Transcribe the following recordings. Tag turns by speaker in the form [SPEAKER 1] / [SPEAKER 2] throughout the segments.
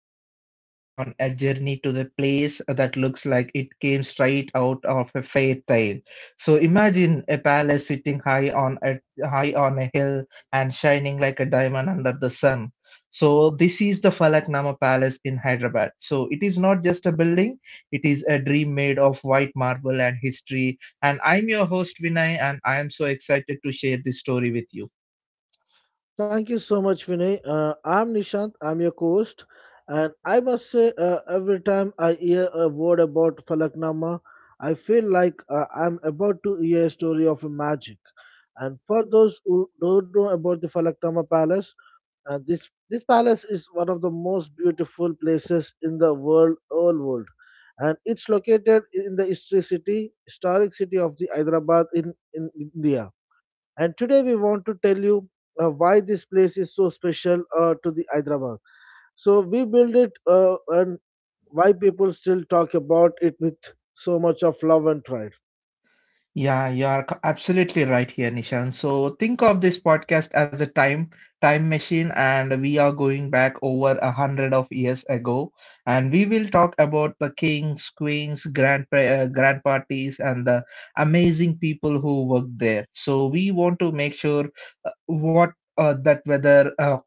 [SPEAKER 1] are taking you on a journey to the place that looks like it came straight out of a fairy tale. So, imagine a palace sitting high on a hill and shining like a diamond under the sun. So, this is the Falaknama Palace in Hyderabad. So, it is not just a building; it is a dream made of white marble and history. And I'm your host Vinay, and I am so excited to share this story with you.
[SPEAKER 2] Thank you so much, Vinay. I'm Nishant. I'm your co-host, and I must say, every time I hear a word about Falaknama, I feel like I'm about to hear a story of magic. And for those who don't know about the Falaknama Palace, and this palace is one of the most beautiful places in the world, whole world, and it's located in the history city, historic city of the Hyderabad in India, and today we want to tell you why this place is so special to the Hyderabad. So we build it and why people still talk about it with so much of love and pride.
[SPEAKER 1] Yeah, you are absolutely right here, Nishan. So think of this podcast as a time machine, and we are going back over a hundred of years ago, and we will talk about the kings, queens, grand parties, and the amazing people who worked there. So we want to make sure what that whether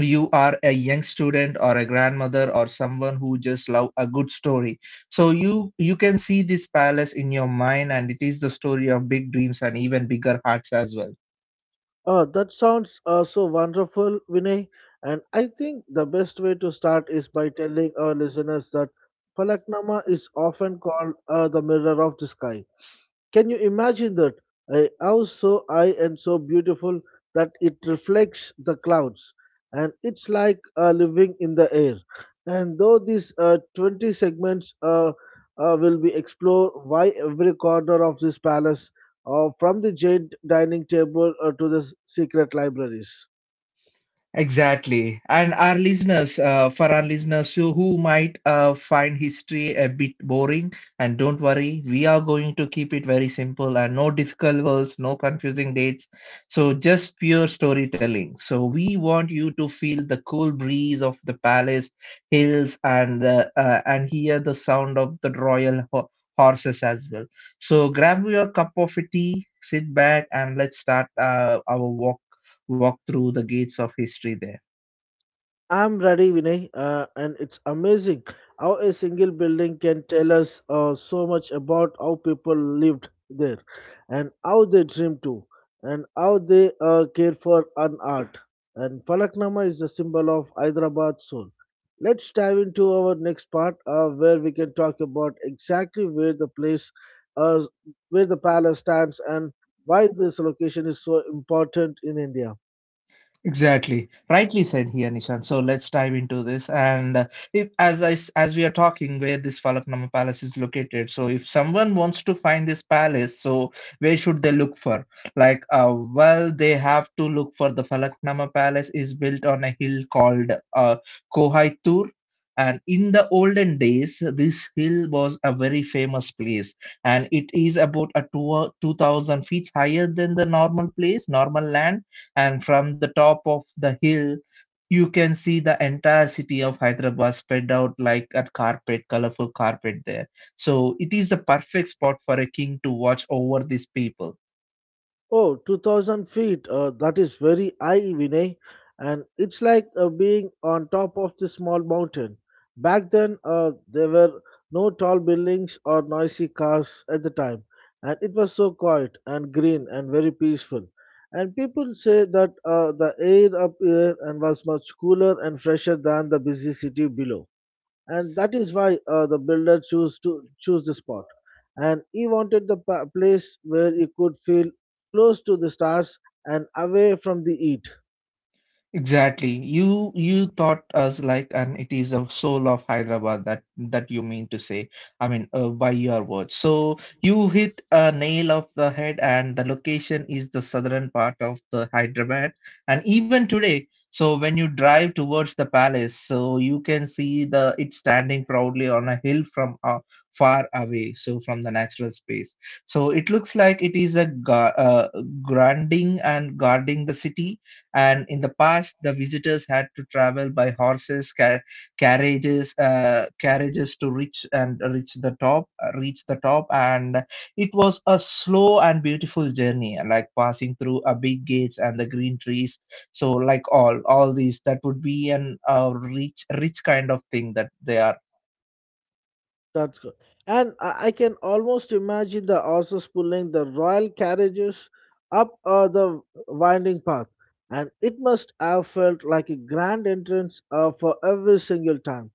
[SPEAKER 1] you are a young student or a grandmother or someone who just love a good story so you can see this palace in your mind, and it is the story of big dreams and even bigger hearts as well.
[SPEAKER 2] That sounds so wonderful, Vinay. And I think the best way to start is by telling our listeners that Falaknama is often called the mirror of the sky. Can you imagine that? I was so high and so beautiful that it reflects the clouds, and it's like living in the air. And though these 20 segments will be explore why every corner of this palace, from the jade dining table to the secret libraries.
[SPEAKER 1] Exactly. And for our listeners who might find history a bit boring, and don't worry, we are going to keep it very simple and no difficult words, no confusing dates. So just pure storytelling. So we want you to feel the cool breeze of the palace hills and hear the sound of the royal horses as well. So grab your cup of tea, sit back, and let's start our walk through the gates of history there.
[SPEAKER 2] I'm ready, Vinay, and it's amazing how a single building can tell us so much about how people lived there, and how they dreamed too, and how they cared for an art. And Falaknama is the symbol of Hyderabad's soul. Let's dive into our next part, where we can talk about exactly where the place, uh, where the palace stands, and why this location is so important in India.
[SPEAKER 1] Exactly. Rightly said here, Nishan. So let's dive into this. And if, as we are talking, where this Falaknuma Palace is located. So if someone wants to find this palace, so where should they look for? Like, well, they have to look for the Falaknuma Palace is built on a hill called Kohaitur. And in the olden days, this hill was a very famous place, and it is about 2,000 feet higher than the normal land, and from the top of the hill you can see the entire city of Hyderabad spread out like a carpet colorful carpet there. So it is a perfect spot for a king to watch over these people.
[SPEAKER 2] Oh, 2,000 feet. That is very high, Vinay. And it's like being on top of the small mountain. Back then, there were no tall buildings or noisy cars at the time. And it was so quiet and green and very peaceful. And people say that the air up here and was much cooler and fresher than the busy city below, and that is why the builder chose to choose the spot, and he wanted the place where he could feel close to the stars and away from the heat.
[SPEAKER 1] Exactly. You thought us like, and it is the soul of Hyderabad that you mean to say. I mean, by your words. So you hit a nail of the head, and the location is the southern part of the Hyderabad. And even today, so when you drive towards the palace, so you can see the it standing proudly on a hill from far away, so from the natural space. So it looks like it is a ga grounding and guarding the city, and in the past, the visitors had to travel by horses, carriages, to reach the top. And it was a slow and beautiful journey, like passing through a big gates and the green trees. So, like all these, that would be an rich kind of thing that they are.
[SPEAKER 2] That's good. And I can almost imagine the horses pulling the royal carriages up the winding path, and it must have felt like a grand entrance for every single time.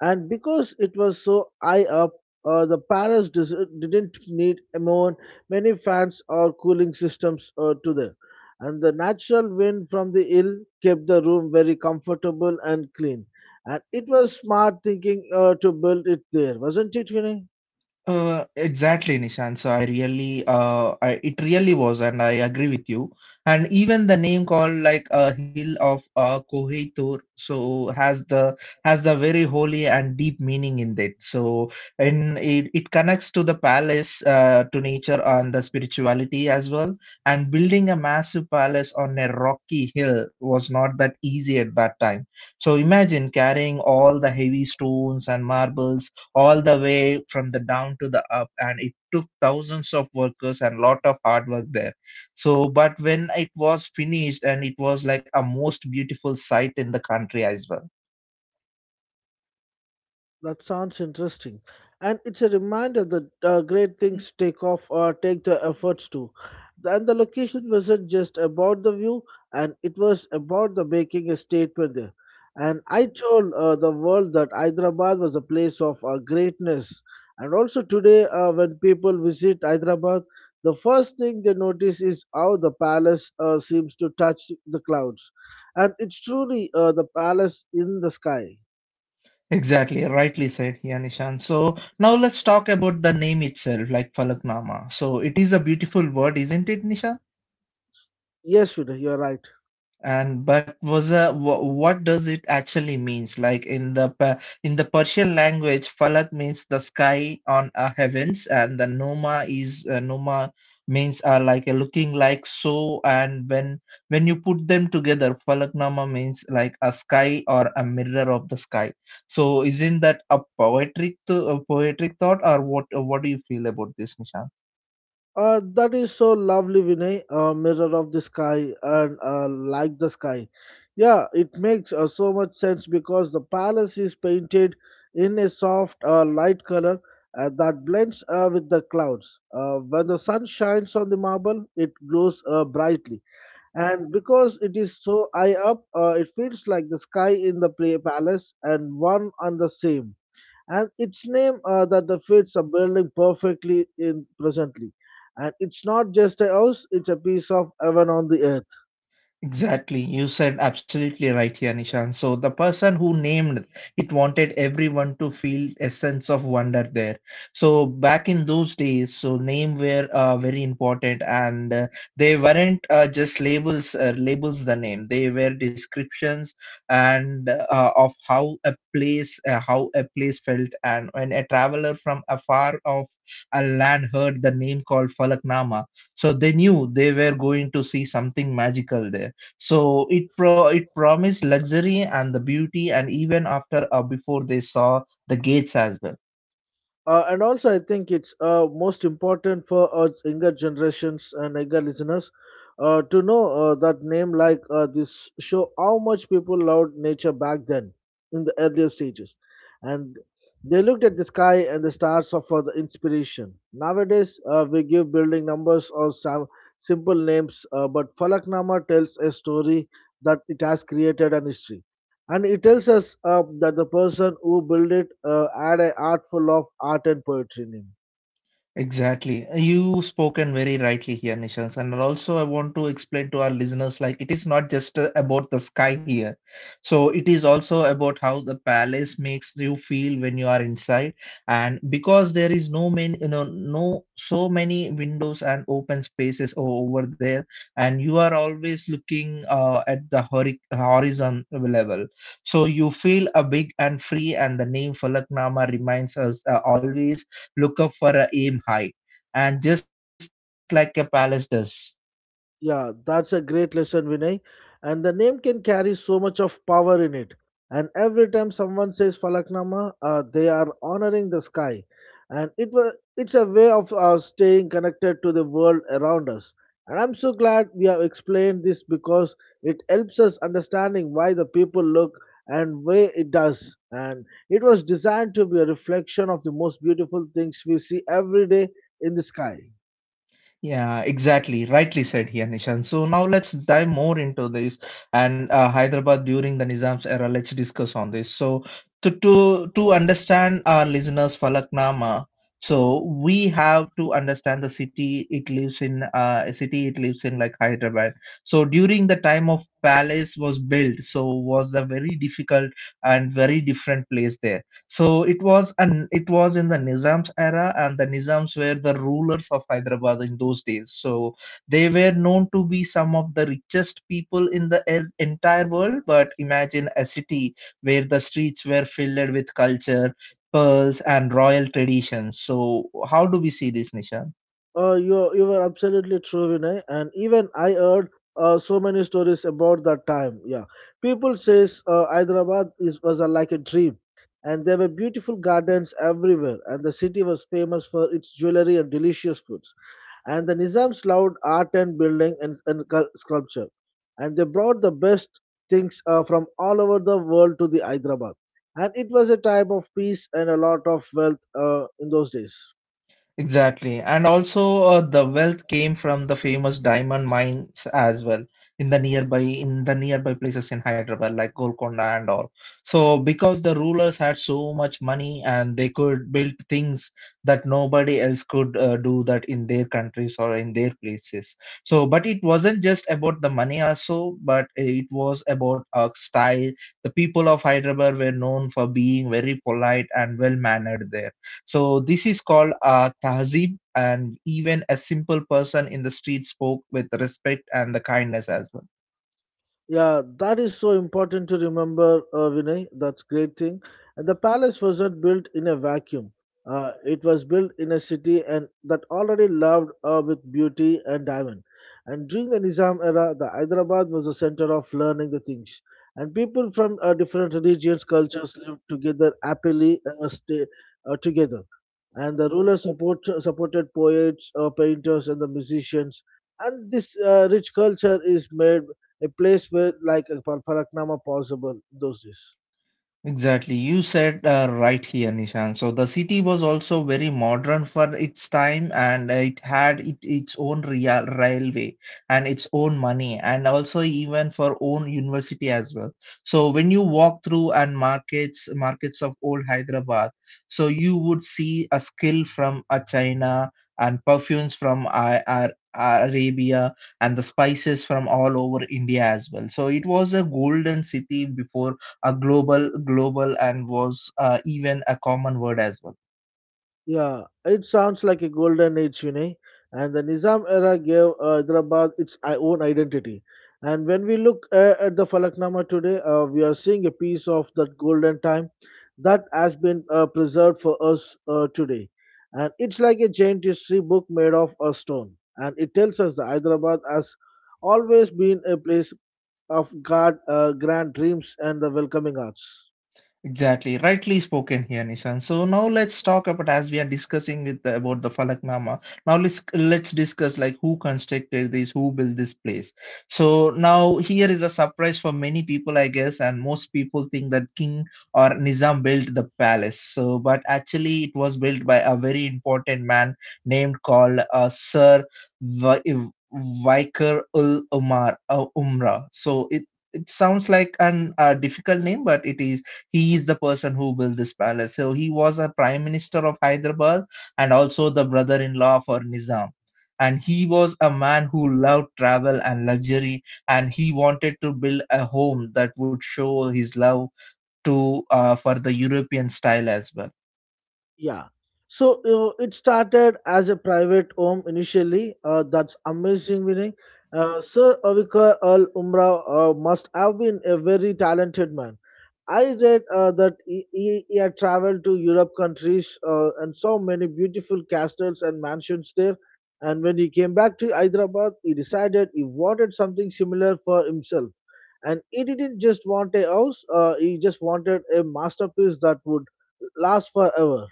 [SPEAKER 2] And because it was so high up, the Paris didn't need more many fans or cooling systems to them, and the natural wind from the hill kept the room very comfortable and clean. And it was smart thinking to build it there, wasn't it, Vinay?
[SPEAKER 1] Exactly, Nishan. So I really, it really was, and I agree with you. And even the name called like a hill of Koheitur, so has the very holy and deep meaning in it. So and it connects to the palace, to nature and the spirituality as well. And building a massive palace on a rocky hill was not that easy at that time. So imagine carrying all the heavy stones and marbles all the way from the down to the up, and it took thousands of workers and lot of hard work there. So but when it was finished, and it was like a most beautiful site in the country as well.
[SPEAKER 2] That sounds interesting, and it's a reminder that great things take off or take the efforts to. And the location wasn't just about the view, and it was about the making a statement there. And I told the world that Hyderabad was a place of greatness. And also today, when people visit Hyderabad, the first thing they notice is how the palace seems to touch the clouds, and it's truly the palace in the sky.
[SPEAKER 1] Exactly, rightly said here, Nishan. So now let's talk about the name itself, like Falaknama. So it is a beautiful word, isn't it, Nishan?
[SPEAKER 2] Yes, Vinay, you're right.
[SPEAKER 1] And but was a what does it actually means? Like in the in the Persian language, falak means the sky on a heavens, and the noma is noma means like a looking like so. And when you put them together, falaknama means like a sky or a mirror of the sky. So isn't that a poetic thought, or what? What do you feel about this, Nishan?
[SPEAKER 2] That is so lovely, Vinay. Mirror of the sky and like the sky. Yeah, it makes so much sense because the palace is painted in a soft light color that blends with the clouds. When the sun shines on the marble, it glows brightly. And because it is so high up, it feels like the sky in the play palace and one and the same, and its name that the fits a building perfectly in presently. And it's not just a house; it's a piece of heaven on the earth.
[SPEAKER 1] Exactly. You said absolutely right here, Nishan. So the person who named it wanted everyone to feel a sense of wonder there. So back in those days, so name were very important, and they weren't just labels. Labels the name. They were descriptions and of how how a place felt. And when a traveler from afar of a land heard the name called Falaknama, so they knew they were going to see something magical there. So it promised luxury and the beauty, and even after or before they saw the gates as well.
[SPEAKER 2] And also, I think it's most important for us younger generations and younger listeners to know that name like this show how much people loved nature back then in the earlier stages. And they looked at the sky and the stars for the inspiration. Nowadays, we give building numbers or some simple names, but Falaknama tells a story that it has created an history, and it tells us that the person who built it had an art full of art and poetry in him.
[SPEAKER 1] Exactly. You spoken very rightly here, Nishans. And also, I want to explain to our listeners like it is not just about the sky here. So, it is also about how the palace makes you feel when you are inside. And because there is no many, you know, no so many windows and open spaces over there, and you are always looking at the horizon level. So, you feel a big and free, and the name Falaknama reminds us always look up for a aim high, and just like a palace does.
[SPEAKER 2] Yeah, that's a great lesson, Vinay. And the name can carry so much of power in it. And every time someone says Falaknama, they are honoring the sky. And it was it's a way of staying connected to the world around us. And I'm so glad we have explained this because it helps us understanding why the people look and way it does. And it was designed to be a reflection of the most beautiful things we see every day in the sky.
[SPEAKER 1] Yeah, exactly. Rightly said here, Nishan. So now let's dive more into this and Hyderabad during the Nizam's era. Let's discuss on this. So to understand our listeners' Falaknama, so we have to understand the city it lives in. A city it lives in, like Hyderabad. So during the time of palace was built, so was a very difficult and very different place there. So it was in the Nizams era, and the Nizams were the rulers of Hyderabad in those days. So they were known to be some of the richest people in the entire world. But imagine a city where the streets were filled with culture, pearls, and royal traditions. So how do we see this, Nishan?
[SPEAKER 2] You were absolutely true, Vinay. And even I heard so many stories about that time. Yeah, people says Hyderabad is was a, like a dream, and there were beautiful gardens everywhere, and the city was famous for its jewelry and delicious foods. And the Nizams loved art and building and sculpture, and they brought the best things from all over the world to the Hyderabad. And it was a time of peace and a lot of wealth in those days.
[SPEAKER 1] Exactly. And also, the wealth came from the famous diamond mines as well in the nearby places in Hyderabad, like Golconda and all. So, because the rulers had so much money and they could build things that nobody else could do that in their countries or in their places. So, but it wasn't just about the money also, but it was about a style. The people of Hyderabad were known for being very polite and well mannered there. So this is called a tahzeeb, and even a simple person in the street spoke with respect and the kindness as well.
[SPEAKER 2] Yeah, that is so important to remember, Vinay. That's great thing. And the palace wasn't built in a vacuum. It was built in a city and that already loved with beauty and diamond. And during the Nizam era, the Hyderabad was the center of learning the things. And people from different religions, cultures lived together happily, stay together, and the supported poets, painters, and the musicians. And this rich culture is made a place where, like a Paraknama, possible in those days.
[SPEAKER 1] Exactly. You said right here, Nishan. So the city was also very modern for its time, and it had its own real railway and its own money, and also even for own university as well. So when you walk through and markets of old Hyderabad, so you would see a skill from a China and perfumes from Arabia and the spices from all over India as well. So it was a golden city before a global and was even a common word as well.
[SPEAKER 2] Yeah, it sounds like a golden age, you know. And the Nizam era gave Hyderabad its own identity. And when we look at the Falaknama today, we are seeing a piece of that golden time that has been preserved for us today. And it's like a giant history book made of a stone. And it tells us that Hyderabad has always been a place of God, grand dreams, and the welcoming arts.
[SPEAKER 1] Exactly, rightly spoken here, Nishan. So now let's talk about as we are discussing with the, about the Falaknama. Now let's discuss like who constructed this, who built this place. So now here is a surprise for many people, I guess, and most people think that King or Nizam built the palace. So, but actually, it was built by a very important man named called Sir Vi- Vikar ul Umar Umra. So it sounds like an difficult name, but it is. He is the person who built this palace. So he was a prime minister of Hyderabad and also the brother-in-law for Nizam. And he was a man who loved travel and luxury, and he wanted to build a home that would show his love to for the European style as well.
[SPEAKER 2] Yeah. So it started as a private home initially. That's amazing, Vinay. Sir Avikar Al Umrah must have been a very talented man. I read that he had traveled to Europe countries and saw many beautiful castles and mansions there. And when he came back to Hyderabad, he decided he wanted something similar for himself. And he didn't just want a house, he just wanted a masterpiece that would last forever.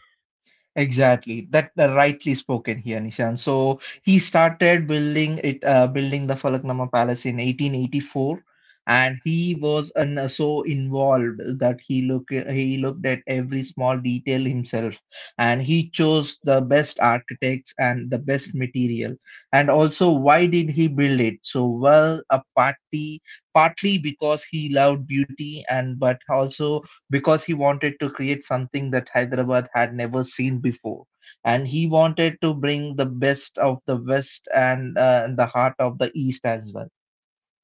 [SPEAKER 1] Exactly. That rightly spoken here, Nishan. So he started building the Falaknama Palace in 1884, and he was an, so involved that he looked at every small detail himself, and he chose the best architects and the best material. And also, why did he build it? So well, a party partly because he loved beauty, and but also because he wanted to create something that Hyderabad had never seen before. And he wanted to bring the best of the West and the heart of the East as well.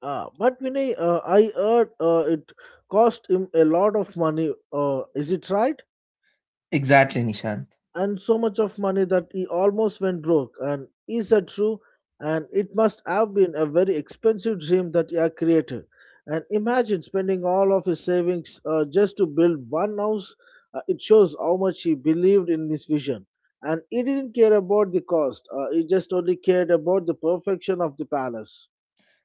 [SPEAKER 2] But Vinay, I heard it cost him a lot of money. Is it right?
[SPEAKER 1] Exactly, Nishan.
[SPEAKER 2] And so much of money that he almost went broke. And is that true? And it must have been a very expensive dream that he had created. And imagine spending all of his savings just to build one house. It shows how much he believed in his vision. And he didn't care about the cost. He just only cared about the perfection of the palace.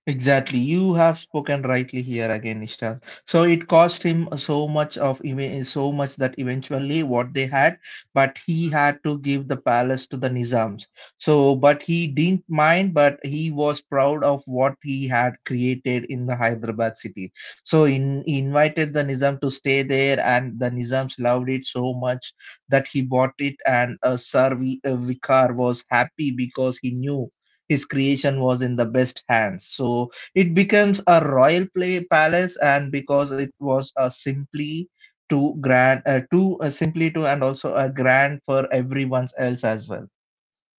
[SPEAKER 1] Exactly. You have spoken rightly here again, Nishant. So it cost him so much that eventually what they had, but he had to give the palace to the Nizams. So, but he didn't mind, but he was proud of what he had created in the Hyderabad city. So in, he invited the Nizam to stay there, and the Nizams loved it so much that he bought it. And Sir Vicar was happy because he knew his creation was in the best hands. So it becomes a royal play palace, and because it was a simply too grand, too simply too, and also a grand for everyone's else as well.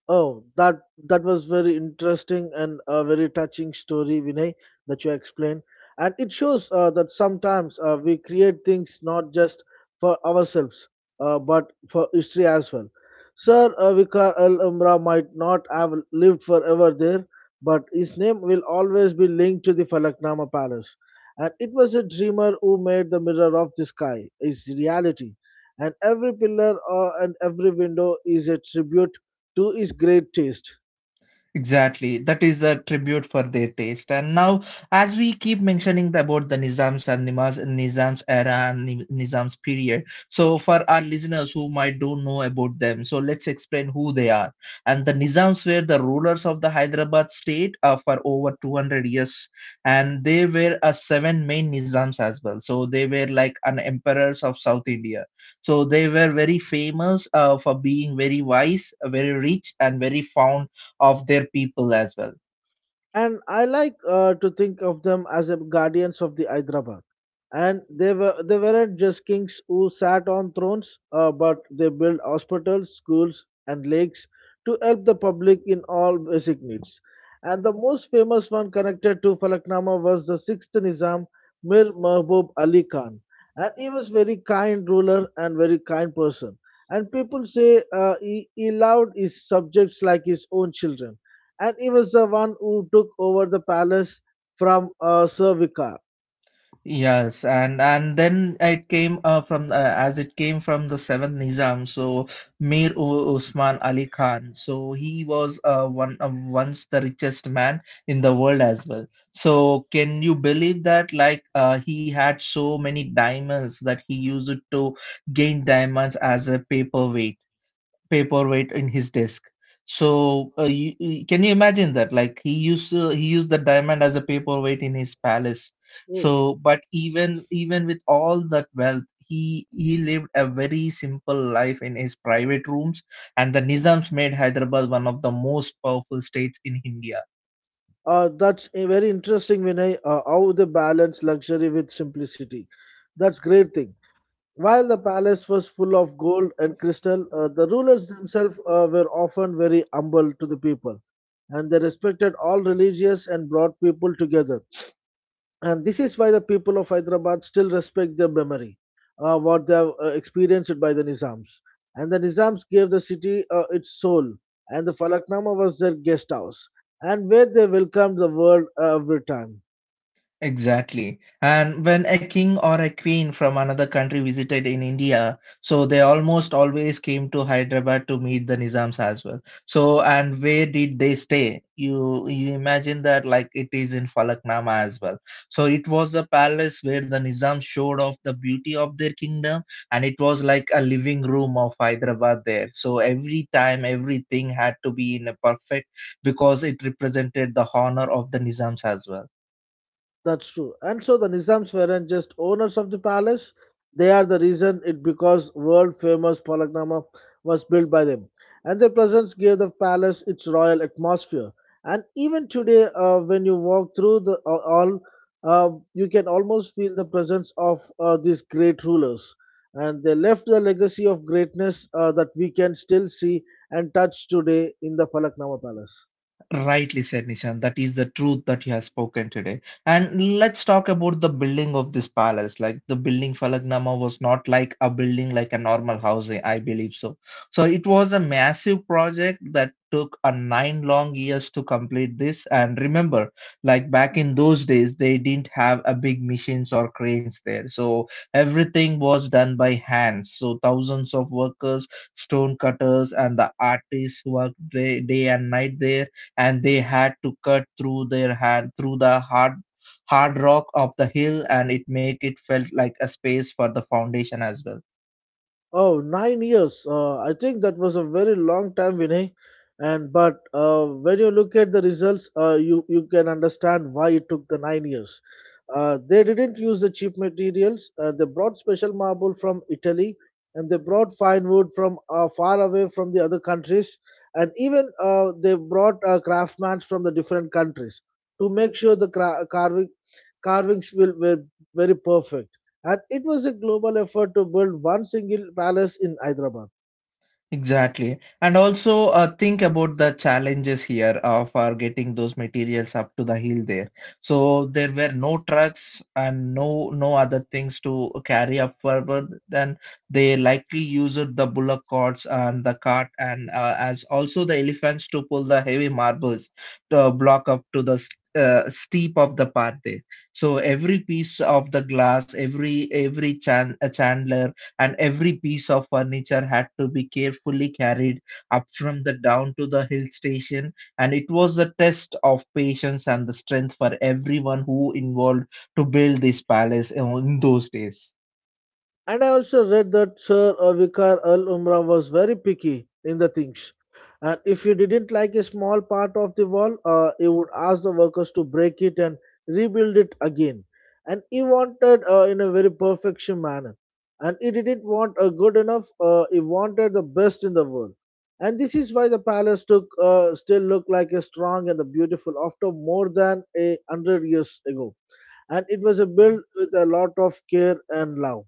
[SPEAKER 2] Oh, that was very interesting and a very touching story, Vinay, that you explained. And it shows that sometimes we create things not just for ourselves, but for history as well. Sir Vicar El Umbra might not have lived forever there, but his name will always be linked to the Falaknama Palace. And it was a dreamer who made the mirror of the sky, his reality. And every pillar and every window is a tribute to his great taste.
[SPEAKER 1] Exactly. That is a tribute for their taste. And now, as we keep mentioning about the Nizams and Nimaz, Nizams era and Nizams period, so for our listeners who might don't know about them, so let's explain who they are. And the Nizams were the rulers of the Hyderabad state for over 200 years, and they were a seven main Nizams as well. So they were like an emperors of South India. So they were very famous for being very wise, very rich, and very fond of their people as well.
[SPEAKER 2] And I like to think of them as a guardians of the Hyderabad. And they were they weren't just kings who sat on thrones, but they built hospitals, schools, and lakes to help the public in all basic needs. And the most famous one connected to Falaknama was the sixth Nizam, Mir Mahbub Ali Khan. And he was very kind ruler and very kind person. And people say he loved his subjects like his own children, and he was the one who took over the palace from Servica.
[SPEAKER 1] Yes, and then it came from as it came from the seventh Nizam, so Mir Usman Ali Khan. So he was one once the richest man in the world as well. So can you believe that? Like he had so many diamonds that he used it to gain diamonds as a paperweight. Paperweight in his desk. So can you imagine that? Like he used the diamond as a paperweight in his palace.
[SPEAKER 2] Oh.
[SPEAKER 1] So, but even with all that wealth, he lived a very simple life in his private rooms, and the Nizams made Hyderabad one of the most powerful states in India.
[SPEAKER 2] That's a very interesting, Vinay, how they balance luxury with simplicity. That's great thing. While the palace was full of gold and crystal, the rulers themselves were often very humble to the people, and they respected all religious and brought people together. And this is why the people of Hyderabad still respect their memory, what they have experienced by the Nizams. And the Nizams gave the city its soul, and the Falaknama was their guest house, and where they welcomed the world every time.
[SPEAKER 1] Exactly. And when a king or a queen from another country visited in India, so they almost always came to Hyderabad to meet the Nizams as well. So, and where did they stay? You imagine that like it is in Falaknama as well. So it was the palace where the Nizams showed off the beauty of their kingdom, and it was like a living room of Hyderabad there. So every time everything had to be in a perfect because it represented the honor of the Nizams as well.
[SPEAKER 2] That's true. And so the Nizams weren't just owners of the palace, they are the reason it because world famous Palaknama was built by them. And their presence gave the palace its royal atmosphere. And even today, when you walk through the all, you can almost feel the presence of these great rulers. And they left the legacy of greatness that we can still see and touch today in the Falaknama Palace.
[SPEAKER 1] Rightly said, Nishan. That is the truth that he has spoken today. And let's talk about the building of this palace. Like the building Falagnama was not like a building like a normal house, I believe so. So it was a massive project that took a nine long years to complete this. And remember, like back in those days, they didn't have a big machines or cranes there. So everything was done by hands. So thousands of workers, stone cutters, and the artists worked day and night there and they had to cut through their hand through the hard rock of the hill and it make it felt like a space for the foundation as well.
[SPEAKER 2] Oh, 9 years. I think that was a very long time, Vinay. And but when you look at the results, you can understand why it took the 9 years. They didn't use the cheap materials. They brought special marble from Italy, and they brought fine wood from far away from the other countries, and even they brought craftsmen from the different countries to make sure the carving carvings will were very perfect, and it was a global effort to build one single palace in Hyderabad.
[SPEAKER 1] Exactly. And also think about the challenges here for getting those materials up to the hill there. So there were no trucks and no other things to carry up forward. Then they likely used the bullock carts and the cart and as also the elephants to pull the heavy marbles to block up to the steep of the path there. So every piece of the glass, every chandler and every piece of furniture had to be carefully carried up from the down to the hill station and it was a test of patience and the strength for everyone who involved to build this palace in those days.
[SPEAKER 2] And I also read that Sir Vicar Al Umra was very picky in the things. And if he didn't like a small part of the wall, he would ask the workers to break it and rebuild it again. And he wanted in a very perfection manner. And he didn't want a good enough, he wanted the best in the world. And this is why the palace took, still looked like a strong and a beautiful after more than a hundred years ago. And it was a built with a lot of care and love.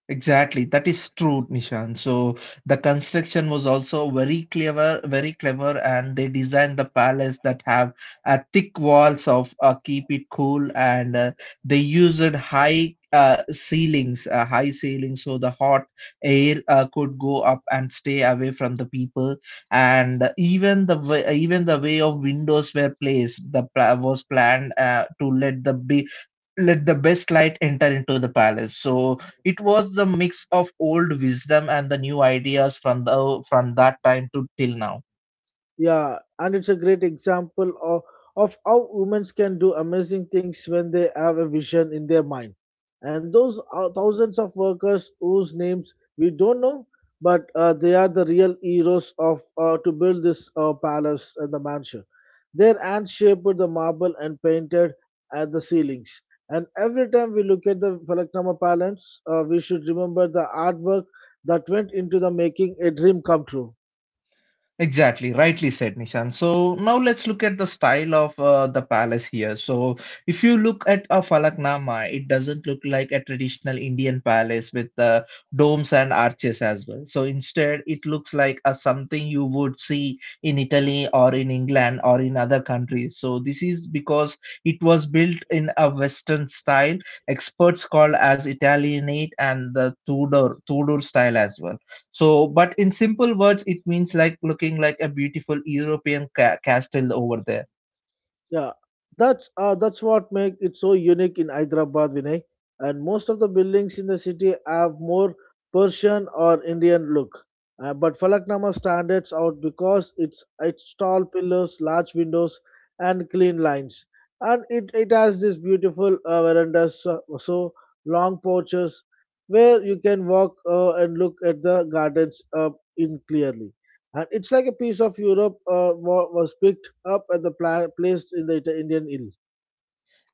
[SPEAKER 1] Exactly, that is true, Nishan. So the construction was also very clever, and they designed the palace that have thick walls of keep it cool, and they used high ceilings, so the hot air could go up and stay away from the people. And even the way of windows were placed, the pla was planned to let the big let the best light enter into the palace so it was the mix of old wisdom and the new ideas from the from that time to till now.
[SPEAKER 2] Yeah, and it's a great example of how women can do amazing things when they have a vision in their mind. And those are thousands of workers whose names we don't know, but they are the real heroes of to build this palace and the mansion. Their hands shaped the marble and painted at the ceilings. And every time we look at the Falaknama Palace, we should remember the artwork that went into the making a dream come true.
[SPEAKER 1] Exactly, rightly said, Nishan. So now let's look at the style of the palace here. So if you look at a Falaknama, it doesn't look like a traditional Indian palace with domes and arches as well. So instead, it looks like a something you would see in Italy or in England or in other countries. So this is because it was built in a Western style, experts call as Italianate and the Tudor style as well. So, but in simple words, it means like looking like a beautiful European castle over there.
[SPEAKER 2] Yeah, that's what make it so unique in Hyderabad, Vinay. And most of the buildings in the city have more Persian or Indian look. But Falaknama stands out because it's its tall pillars, large windows, and clean lines. And it has this beautiful verandas, so, so long porches where you can walk and look at the gardens in clearly. And it's like a piece of Europe was picked up at the placed in the Indian ill.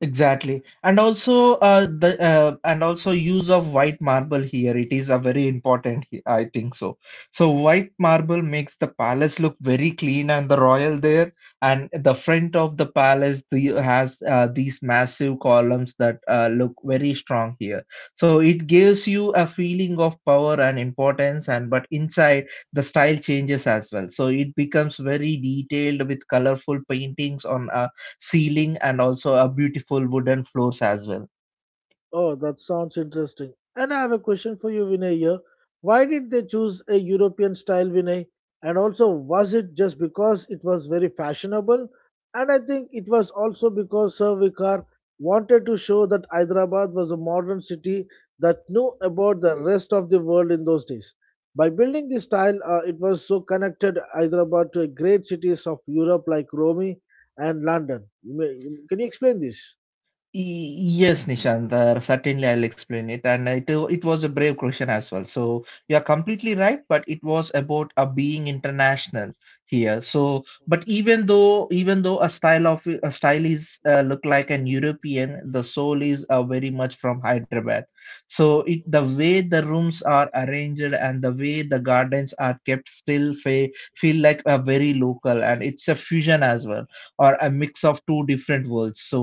[SPEAKER 1] Exactly, and also use of white marble here. It is a very important. I think so. So white marble makes the palace look very clean and the royal there. And the front of the palace the, has these massive columns that look very strong here. So it gives you a feeling of power and importance. And but inside the style changes as well. So it becomes very detailed with colorful paintings on ceiling and also a beautiful wooden floors as well.
[SPEAKER 2] Oh, that sounds interesting. And I have a question for you, Vinay. Here, why did they choose a European style, Vinay? And also, was it just because it was very fashionable? And I think it was also because Sir Vicar wanted to show that Hyderabad was a modern city that knew about the rest of the world in those days. By building this style, it was so connected Hyderabad to great cities of Europe like Rome and London. Can you explain this?
[SPEAKER 1] Yes, Nishant, certainly I'll explain it. And it was a brave question as well. So you are completely right, but it was about a being international here. So, but even though a style of a style is look like an European, the soul is very much from Hyderabad. So it the way the rooms are arranged and the way the gardens are kept still fe feel like a very local, and it's a fusion as well or a mix of two different worlds. So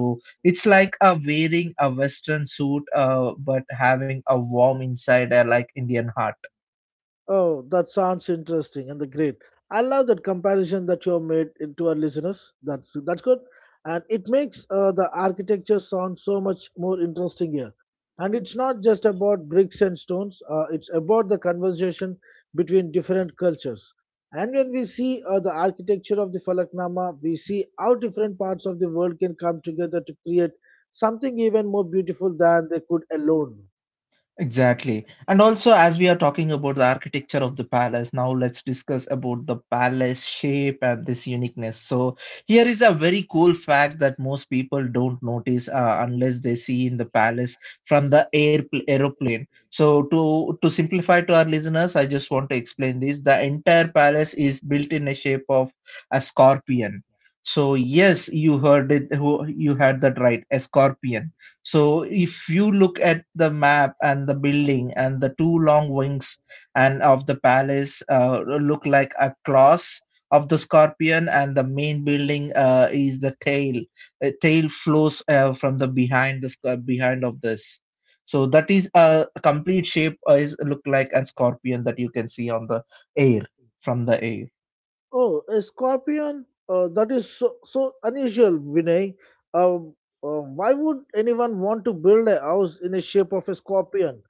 [SPEAKER 1] it's like wearing a Western suit, but having a warm inside, like Indian heart.
[SPEAKER 2] Oh, that sounds interesting and the great. I love that comparison that you have made it to our listeners. That's good, and it makes the architecture sound so much more interesting here. And it's not just about bricks and stones. It's about the conversation between different cultures. And when we see the architecture of the Falaknama, we see how different parts of the world can come together to create something even more beautiful than they could alone.
[SPEAKER 1] Exactly. And also, as we are talking about the architecture of the palace, now let's discuss about the palace shape and this uniqueness. So, here is a very cool fact that most people don't notice unless they see in the palace from the air aeroplane. So, to simplify to our listeners, I just want to explain this. The entire palace is built in a shape of a scorpion. So, yes, you heard it. You heard that right, a scorpion. So if you look at the map and the building and the two long wings and of the palace look like a claws of the scorpion and the main building is the tail. A tail flows from the behind the sc- behind of this. So that is a complete shape is look like an scorpion that you can see on the air from the air.
[SPEAKER 2] Oh, a scorpion? That is so, so unusual, Vinay. Um, why would anyone want to build a house in the shape of a scorpion?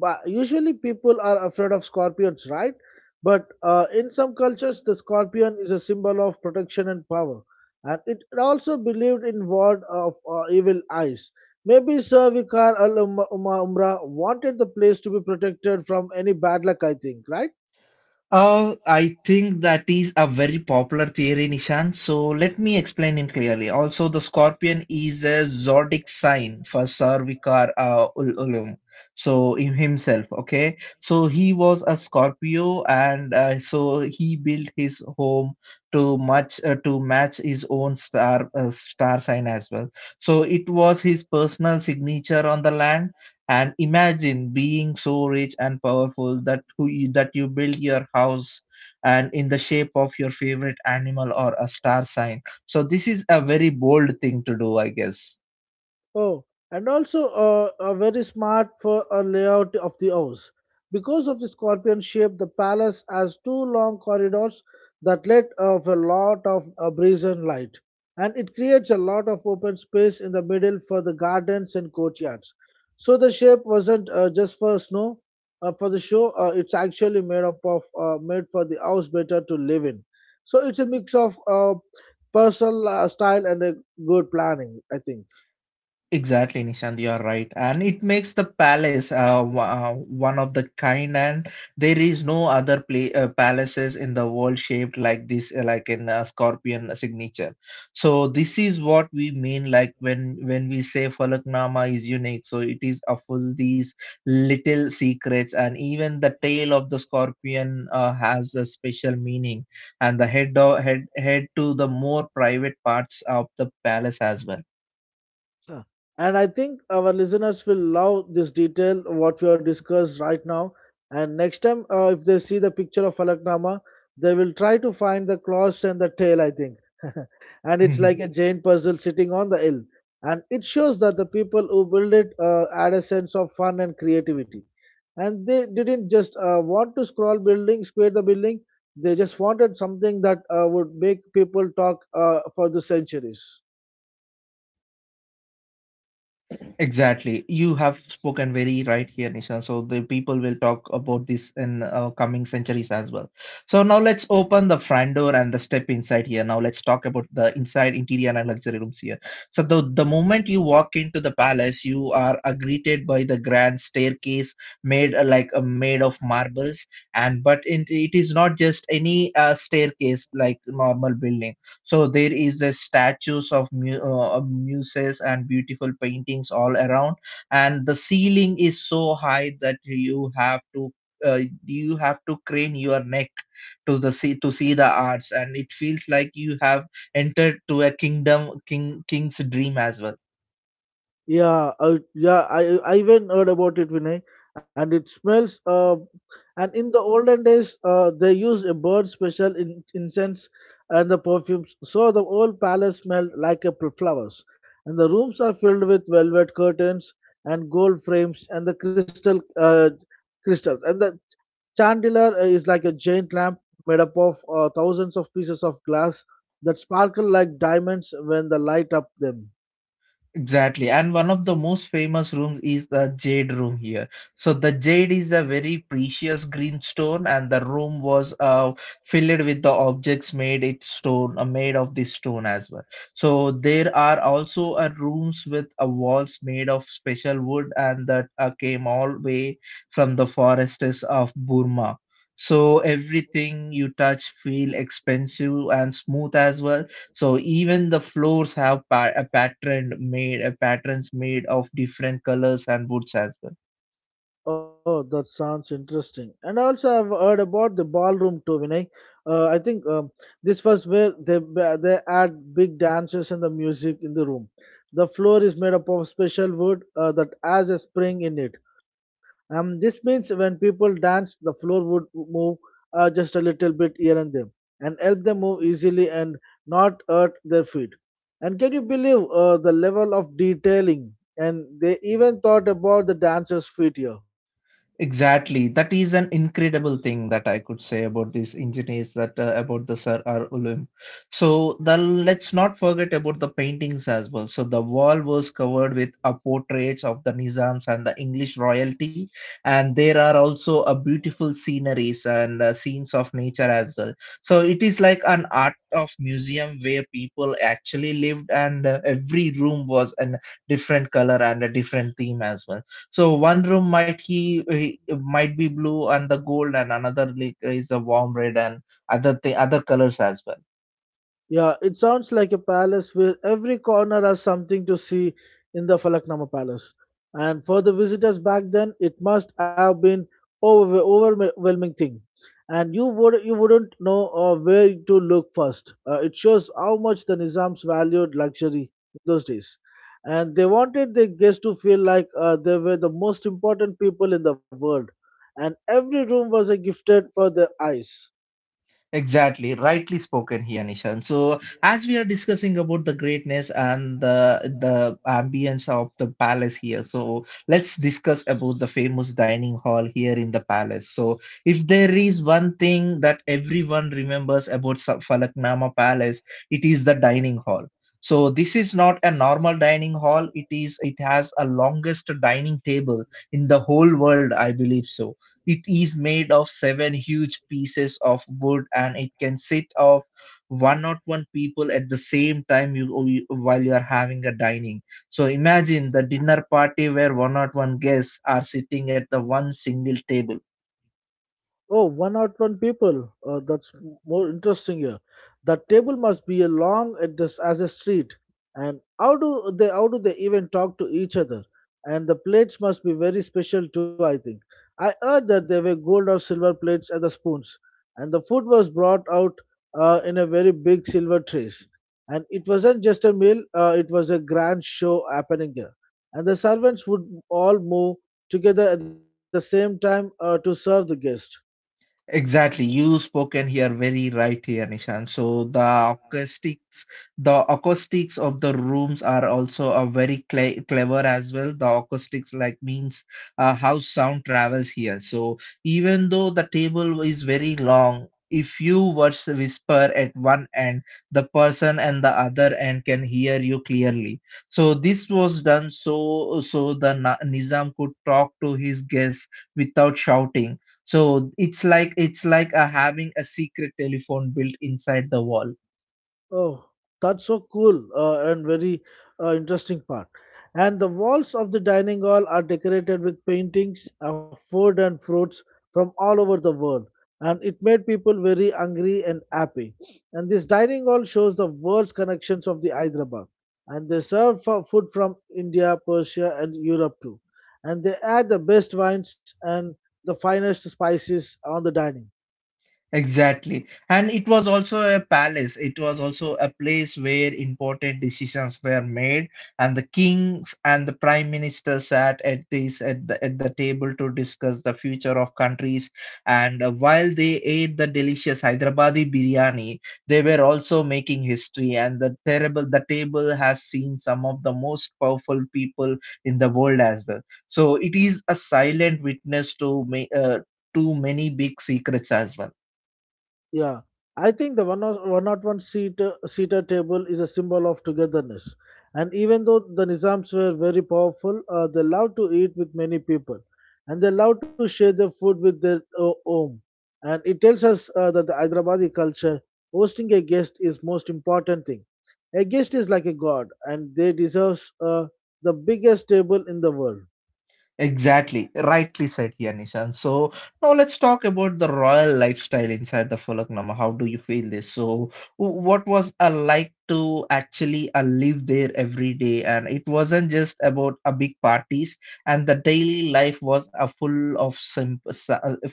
[SPEAKER 2] But usually people are afraid of scorpions, right? But in some cultures, the scorpion is a symbol of protection and power, and it also believed in ward of evil eyes. Maybe Sir Vikar Al Umra wanted the place to be protected from any bad luck. I think, right?
[SPEAKER 1] I think that is a very popular theory, Nishan. So let me explain it clearly. Also, the scorpion is a zodiac sign for Sarvikar Ulum. So in himself, okay. So he was a Scorpio, and so he built his home to match his own star sign as well. So it was his personal signature on the land. And imagine being so rich and powerful that that you build your house and in the shape of your favorite animal or a star sign. So this is a very bold thing to do, I guess.
[SPEAKER 2] Oh, and also very smart for a layout of the house. Because of the scorpion shape, the palace has two long corridors that let of a lot of breeze and light, and it creates a lot of open space in the middle for the gardens and courtyards. So the shape wasn't just for snow, for the show. It's actually made up of made for the house better to live in. So it's a mix of personal style and a good planning, I think.
[SPEAKER 1] Exactly, Nishant, you are right. And it makes the palace one of the kind, and there is no other palaces in the world shaped like this, like in a scorpion signature. So this is what we mean, like when we say Falaknama is unique. So it is a full these little secrets, and even the tail of the scorpion has a special meaning, and the head of, head to the more private parts of the palace as well.
[SPEAKER 2] Yeah. And I think our listeners will love this detail what we have discussed right now. And next time, if they see the picture of Falaknama, they will try to find the claws and the tail, I think. And it's like a giant puzzle sitting on the hill. And it shows that the people who build it add a sense of fun and creativity. And they didn't just want to scroll building, square the building. They just wanted something that would make people talk for the centuries.
[SPEAKER 1] Exactly. You have spoken very right here, Nishan. So the people will talk about this in coming centuries as well. So now let's open the front door and the step inside here. Now let's talk about the inside interior and luxury rooms here. So the moment you walk into the palace, you are greeted by the grand staircase made like a made of marbles. And it is not just any staircase like normal building. So there is a statues of muses and beautiful paintings all around, and the ceiling is so high that Uh, you have to crane your neck to the see to see the arts, and it feels like you have entered to a kingdom king king's dream as well.
[SPEAKER 2] I even heard about it, Vinay. And it smells. And in the olden days, they used a bird special incense and the perfumes, so the whole palace smelled like a flowers. And the rooms are filled with velvet curtains and gold frames and the crystal crystals. And the chandelier is like a giant lamp made up of thousands of pieces of glass that sparkle like diamonds when the light up them.
[SPEAKER 1] Exactly. And one of the most famous rooms is the jade room here. So the jade is a very precious green stone, and the room was filled with the objects made it stone, made of this stone as well. So there are also rooms with walls made of special wood, and that came all way from the forests of Burma. So everything you touch feel expensive and smooth as well. So even the floors have a a patterns made of different colors and woods as well.
[SPEAKER 2] Oh, that sounds interesting. And also, I've heard about the ballroom too, Vinay. I think this was where they add big dancers and the music in the room. The floor is made up of special wood that has a spring in it. This means when people danced, the floor would move just a little bit here and there, and help them move easily and not hurt their feet. And can you believe the level of detailing? And they even thought about the dancers' feet here.
[SPEAKER 1] Exactly. That is an incredible thing that I could say about these engineers, that about the Sir R. Ulam. So the let's not forget about the paintings as well. So the wall was covered with portraits of the Nizams and the English royalty, and there are also a beautiful sceneries and scenes of nature as well. So it is like an art of museum where people actually lived, and every room was a different color and a different theme as well. So one room might he might be blue and the gold, and another like is a warm red and other colors as well.
[SPEAKER 2] Yeah, it sounds like a palace where every corner has something to see in the Falaknama Palace. And for the visitors back then, it must have been overwhelming thing. And you wouldn't know where to look first. It shows how much the Nizams valued luxury in those days, and they wanted their guests to feel like they were the most important people in the world. And every room was a gifted for their eyes.
[SPEAKER 1] Exactly, rightly spoken here, Nishan. So, as we are discussing about the greatness and the ambience of the palace here, so let's discuss about the famous dining hall here in the palace. So, if there is one thing that everyone remembers about Falaknama Palace, it is the dining hall. So, this is not a normal dining hall. It has a longest dining table in the whole world, I believe so. It is made of seven huge pieces of wood, and it can sit of one or one people at the same time while you are having a dining. So imagine the dinner party where one or one guests are sitting at the one single table.
[SPEAKER 2] Oh, one out one people. More interesting here. That table must be a long at this as a street. And how do they even talk to each other? And the plates must be very special too, I think. I heard that they were gold or silver plates and the spoons. And the food was brought out in a very big silver trays. And it wasn't just a meal, it was a grand show happening there. And the servants would all move together at the same time to serve the guest.
[SPEAKER 1] Exactly. You spoken here very right here, Nishan. So the acoustics of the rooms are also a very clever as well. The acoustics like means how sound travels here. So even though the table is very long, if you were to whisper at one end, the person and the other end can hear you clearly. So this was done so the Na Nizam could talk to his guests without shouting. So it's like having a secret telephone built inside the wall.
[SPEAKER 2] Oh, that's so cool and very interesting part. And the walls of the dining hall are decorated with paintings of food and fruits from all over the world. And it made people very hungry and happy. And this dining hall shows the world's connections of the Hyderabad. And they serve for food from India, Persia, and Europe too. And they add the best wines and the finest spices on the dining.
[SPEAKER 1] Exactly. And it was also a palace. It was also a place where important decisions were made, and the kings and the prime minister sat at the at the table to discuss the future of countries. And while they ate the delicious Hyderabadi biryani, they were also making history. And the table has seen some of the most powerful people in the world as well. So it is a silent witness to to many big secrets as well.
[SPEAKER 2] Yeah, I think the 101 seater table is a symbol of togetherness. And even though the Nizams were very powerful, they loved to eat with many people and they loved to share their food with their home. And it tells us that the Hyderabadi culture, hosting a guest is most important thing. A guest is like a god and they deserves the biggest table in the world.
[SPEAKER 1] Exactly, rightly said here, Nishan. So now let's talk about the royal lifestyle inside the Falaknama. How do you feel this? So what was like to actually live there every day? And it wasn't just about a big parties, and the daily life was a full of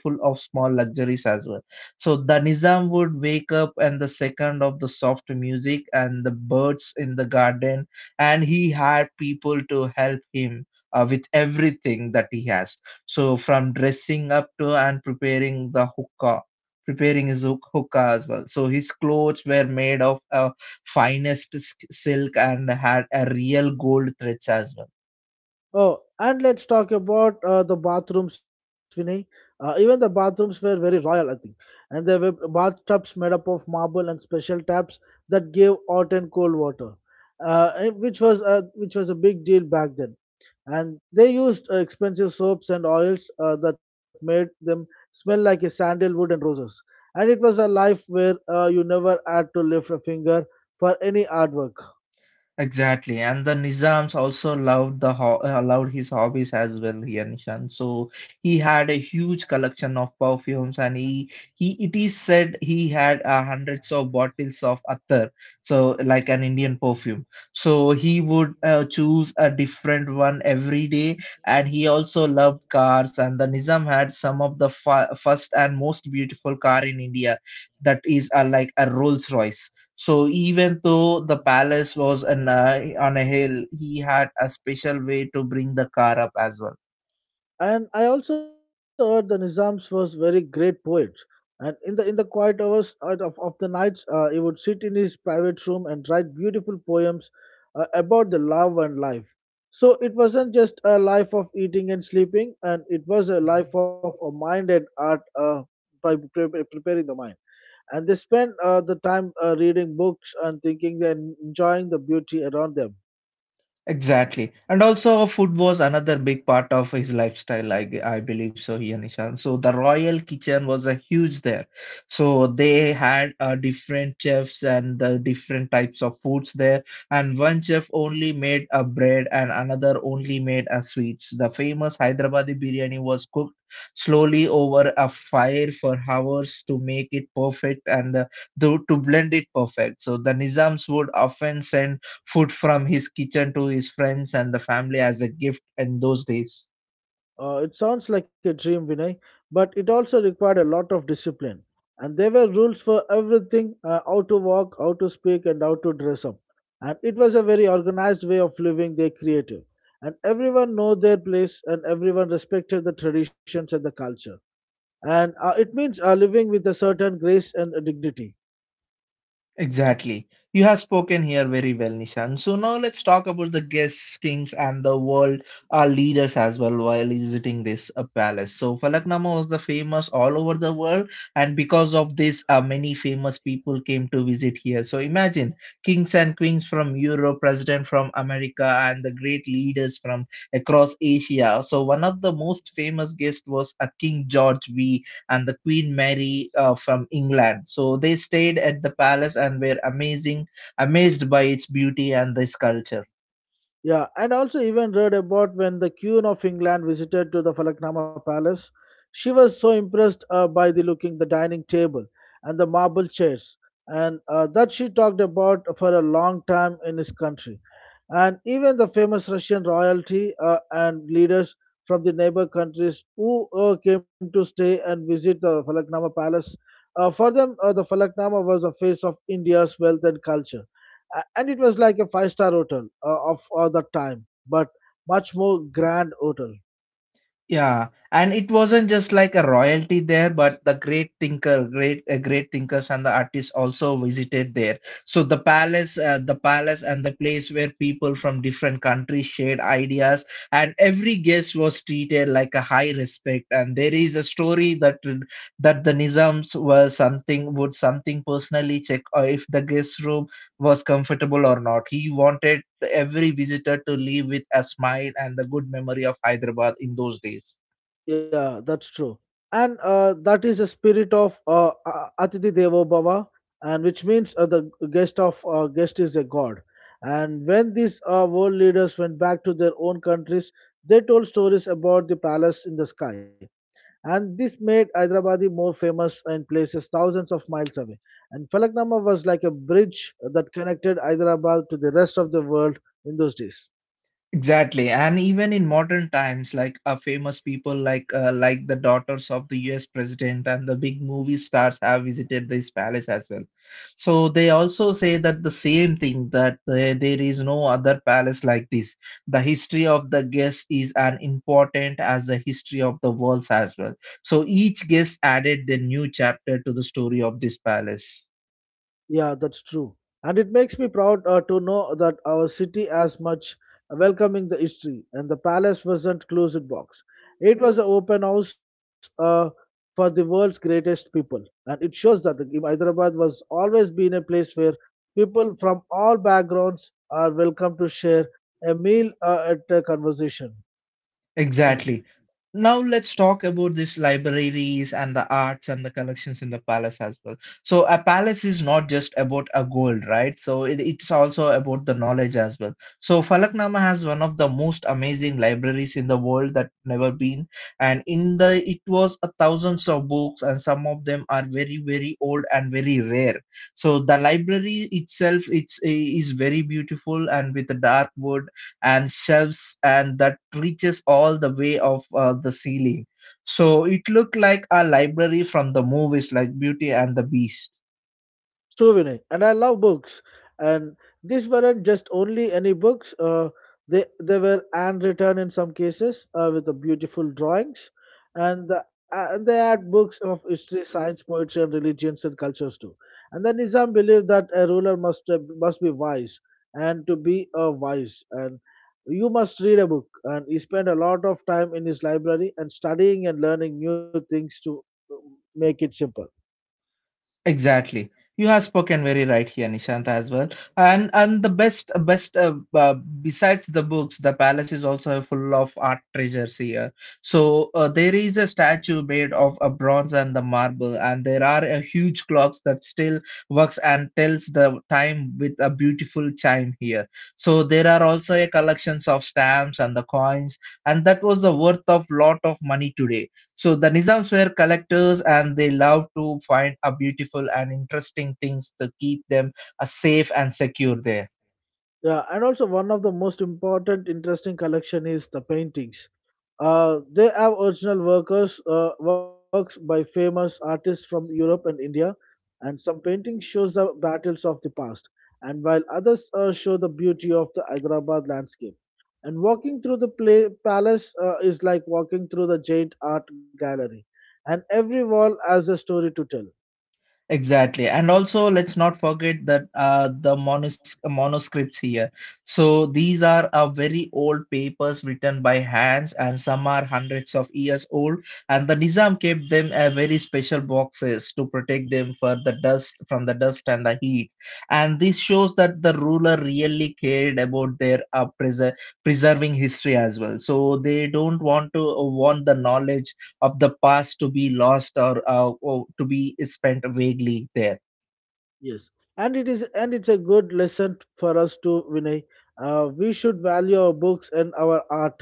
[SPEAKER 1] full of small luxuries as well. So the Nizam would wake up, and the second of the soft music and the birds in the garden, and he had people to help him with everything that he has. So from dressing up to and preparing the hookah, preparing his hookah as well. So his clothes were made of finest silk and had a real gold threads as well.
[SPEAKER 2] Oh, and let's talk about the bathrooms, Vinay. Even the bathrooms were very royal, I think. And there were bathtubs made up of marble and special taps that gave hot and cold water, and which was a big deal back then. And they used expensive soaps and oils that made them smell like a sandalwood and roses. And it was a life where you never had to lift a finger for any hard work.
[SPEAKER 1] Exactly, and the Nizams also loved the loved his hobbies as well here, Nishan. So he had a huge collection of perfumes, and he it is said he had hundreds of bottles of attar, so like an Indian perfume. So he would choose a different one every day, and he also loved cars. And the Nizam had some of the first and most beautiful car in India, that is like a Rolls Royce. So even though the palace was on a hill, he had a special way to bring the car up as well.
[SPEAKER 2] And I also heard the Nizams was very great poet. And in the quiet hours of the nights, he would sit in his private room and write beautiful poems about the love and life. So it wasn't just a life of eating and sleeping, and it was a
[SPEAKER 1] Mhm.
[SPEAKER 2] life of a mind and art by preparing the mind. And they spent the time reading books and thinking and enjoying the beauty around them.
[SPEAKER 1] Exactly. And also food was another big part of his lifestyle, I believe so here, Nishan. So the royal kitchen was a huge there. So they had different chefs and the different types of foods there. And one chef only made a bread and another only made a sweets. The famous Hyderabadi biryani was cooked slowly over a fire for hours to make it perfect, and to blend it perfect. So the Nizams would often send food from his kitchen to his friends and the family as a gift in those days.
[SPEAKER 2] It sounds like a dream, Vinay, but it also required a lot of discipline. And there were rules for everything, how to walk, how to speak, and how to dress up. And it was a very organized way of living. Their creative. And everyone know their place, and everyone respected the traditions and the culture. And it means living with a certain grace and dignity.
[SPEAKER 1] Exactly. You have spoken here very well, Nishan. So now let's talk about the guests, kings, and the world, our leaders as well, while visiting this palace. So Falaknama was the famous all over the world, and because of this, many famous people came to visit here. So imagine kings and queens from Europe, president from America, and the great leaders from across Asia. So one of the most famous guests was a King George V and the Queen Mary from England. So they stayed at the palace and were amazed by its beauty and this culture.
[SPEAKER 2] Yeah, and also even read about when the Queen of England visited to the Falaknama Palace. She was so impressed by the looking the dining table and the marble chairs, and that she talked about for a long time in his country. And even the famous Russian royalty and leaders from the neighbor countries who came to stay and visit the Falaknama Palace. For them, the Falaknama was the face of India's wealth and culture, and it was like a five-star hotel of all the time, but much more grand hotel.
[SPEAKER 1] Yeah, and it wasn't just like a royalty there, but the great great thinkers and the artists also visited there. So the palace and the place where people from different countries shared ideas, and every guest was treated like a high respect. And there is a story that the Nizams were something would something personally check if the guest room was comfortable or not. He wanted every visitor to leave with a smile and the good memory of Hyderabad in those days.
[SPEAKER 2] Yeah, that's true. And that is the spirit of atithi devo bhava, and which means the guest is a god. And when these world leaders went back to their own countries, they told stories about the palace in the sky, and this made Hyderabadi more famous in places thousands of miles away. And Falaknama was like a bridge that connected Hyderabad to the rest of the world in those days.
[SPEAKER 1] Exactly, and even in modern times, like famous people like the daughters of the U.S. president and the big movie stars have visited this palace as well. So they also say that the same thing that there is no other palace like this. The history of the guest is as important as the history of the world as well. So each guest added their new chapter to the story of this palace.
[SPEAKER 2] Yeah, that's true. And it makes me proud to know that our city as much welcoming the history, and the palace wasn't closed box. It was an open house for the world's greatest people. And it shows that Hyderabad was always been a place where people from all backgrounds are welcome to share a meal at a conversation.
[SPEAKER 1] Exactly. Now let's talk about these libraries and the arts and the collections in the palace as well. So a palace is not just about a gold, right? So it's also about the knowledge as well. So Falaknama has one of the most amazing libraries in the world that never been, and in the it was a thousands of books, and some of them are very very old and very rare. So the library itself is very beautiful, and with the dark wood and shelves and that reaches all the way of the ceiling. So it looked like a library from the movies like Beauty and the Beast.
[SPEAKER 2] Souvenir. And I love books. And these weren't just only any books. They were handwritten in some cases with the beautiful drawings, and they had books of history, science, poetry, and religions and cultures too. And the Nizam believed that a ruler must be wise, and to be a wise, and you must read a book. And he spent a lot of time in his library and studying and learning new things to uh, make it simple.
[SPEAKER 1] Exactly. You have spoken very right here, Nishant, as well. And the best best besides the books, the palace is also full of art treasures here. So there is a statue made of a bronze and the marble, and there are a huge clocks that still works and tells the time with a beautiful chime here. So there are also a collections of stamps and the coins, and that was the worth of lot of money today. So the Nizams were collectors, and they loved to find a beautiful and interesting things to keep them safe and secure there.
[SPEAKER 2] Yeah, and also one of the most important interesting collection is the paintings. They have original workers works by famous artists from Europe and India, and some paintings shows the battles of the past, and while others show the beauty of the Hyderabad landscape. And walking through the palace is like walking through the giant art gallery, and every wall has a story to tell.
[SPEAKER 1] Exactly. And also, let's not forget that the manuscripts here. So, these are very old papers written by hands, and some are hundreds of years old. And the Nizam kept them a very special boxes to protect them for the dust from the dust and the heat. And this shows that the ruler really cared about their preserving history as well. So, they don't want to want the knowledge of the past to be lost, or to be spent vaguely there.
[SPEAKER 2] Yes, and it is and it's a good lesson for us to Vinay. We should value our books and our art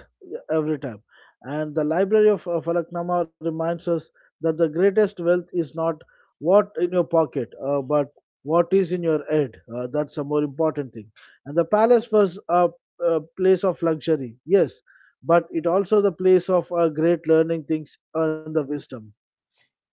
[SPEAKER 2] every time. And the Library of Falaknama reminds us that the greatest wealth is not what in your pocket, but what is in your head. That's a more important thing. And the palace was a place of luxury, yes, but it also the place of great learning things and the wisdom.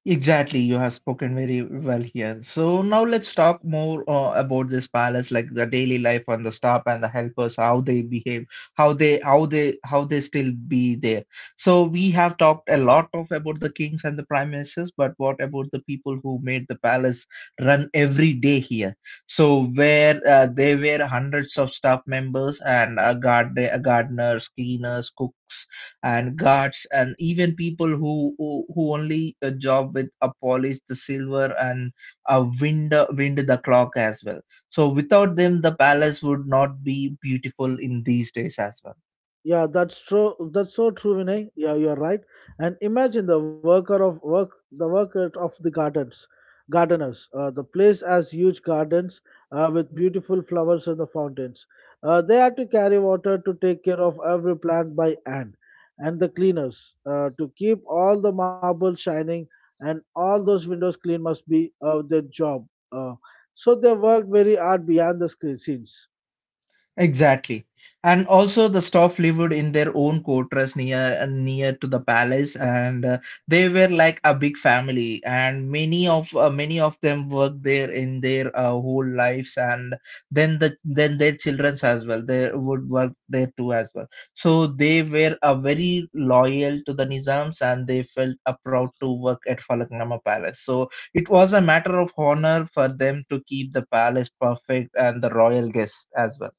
[SPEAKER 1] Exactly, you have spoken very well here. So now let's talk more about this palace, like the daily life on the staff and the helpers, how they behave, how they still be there. So we have talked a lot of about the kings and the prime ministers, but what about the people who made the palace run every day here? So where there were hundreds of staff members and gardeners, cleaners, cooks and guards, and even people who only a job with a polish the silver and a wind wind the clock as well. So without them the palace would not be beautiful in these days as well.
[SPEAKER 2] Yeah, that's true. That's so true, Vinay. Yeah, you're right. And imagine the worker of the gardens, gardeners. The place has huge gardens with beautiful flowers and the fountains. They had to carry water to take care of every plant by hand, and the cleaners to keep all the marbles shining and all those windows clean must be their job. Uh, so they worked very hard behind the scenes.
[SPEAKER 1] Exactly. And also the staff lived in their own quarters near to the palace, and they were like a big family, and many of them worked there in their whole lives, and then their childrens as well, they would work there too as well. So they were very loyal to the Nizams, and they felt proud to work at Falaknama Palace. So it was a matter of honor for them to keep the palace perfect and the royal guests as well.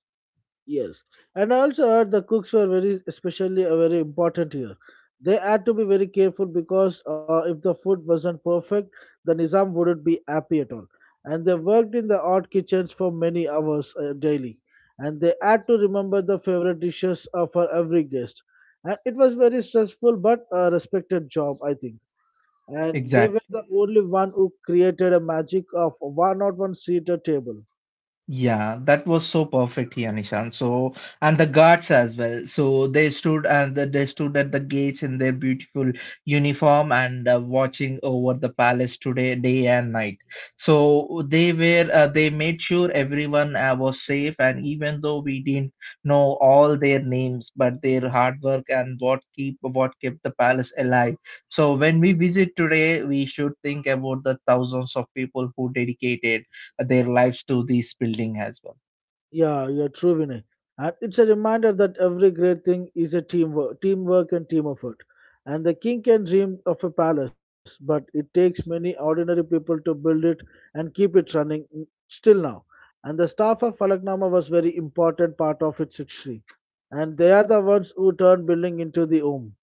[SPEAKER 2] Yes, and I also heard the cooks were very, especially very important here. They had to be very careful, because if the food wasn't perfect, the Nizam wouldn't be happy at all. And they worked in the odd kitchens for many hours daily. And they had to remember the favorite dishes for every guest. And it was very stressful, but a respected job, I think. And they were
[SPEAKER 1] Exactly.
[SPEAKER 2] the only one who created a magic of one-on-one seated table.
[SPEAKER 1] Yeah, that was so perfectly, Anishan. So, and the guards as well. So they stood at the gates in their beautiful uniform and watching over the palace today, day and night. So they made sure everyone was safe. And even though we didn't know all their names, but their hard work and what keep what kept the palace alive. So when we visit today, we should think about the thousands of people who dedicated their lives to this building as well.
[SPEAKER 2] Yeah, you're true, Vinay. And it's a reminder that every great thing is teamwork and team effort. And the king can dream of a palace, but it takes many ordinary people to build it and keep it running, still now. And the staff of Falaknama was very important part of its history. And they are the ones who turned building into the home.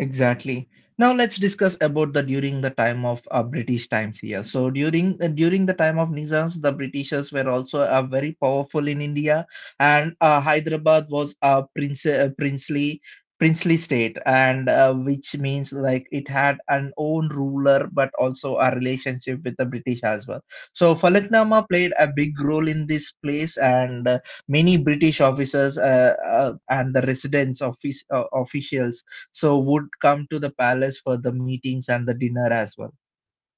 [SPEAKER 1] Exactly. Now let's discuss about the during the time of British times here. So during the time of Nizams, the Britishers were also very powerful in India, and Hyderabad was a princely state, and which means like it had an own ruler, but also a relationship with the British as well. So Falaknama played a big role in this place, and many British officers and the residents office officials so would come to the palace for the meetings and the dinner as well.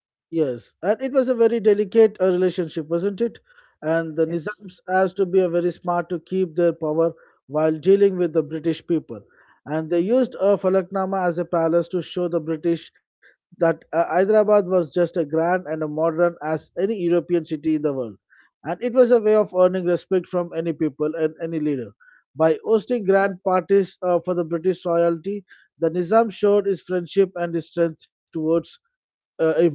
[SPEAKER 2] Yes, and it was a very delicate relationship, wasn't it? And the Nizams has to be a very smart to keep their power while dealing with the British people. And they used a Falaknama as a palace to show the British that Hyderabad was just a grand and a modern as any European city in the world. And it was a way of earning respect from any people and any leader. By hosting grand parties for the British royalty, the Nizam showed his friendship and his strength towards him.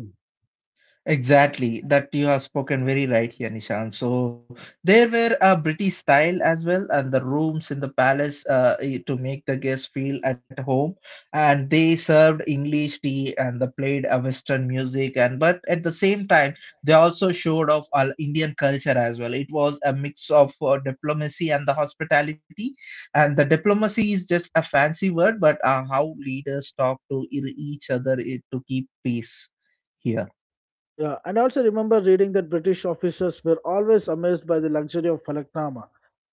[SPEAKER 1] Exactly, that you have spoken very right here, Nishan. So there were a British style as well, and the rooms in the palace to make the guests feel at home. And they served English tea, and they played a Western music. And but at the same time, they also showed off our Indian culture as well. It was a mix of diplomacy and the hospitality. And the diplomacy is just a fancy word, but how leaders talk to each other to keep peace here.
[SPEAKER 2] Yeah, and I also remember reading that British officers were always amazed by the luxury of falaknama.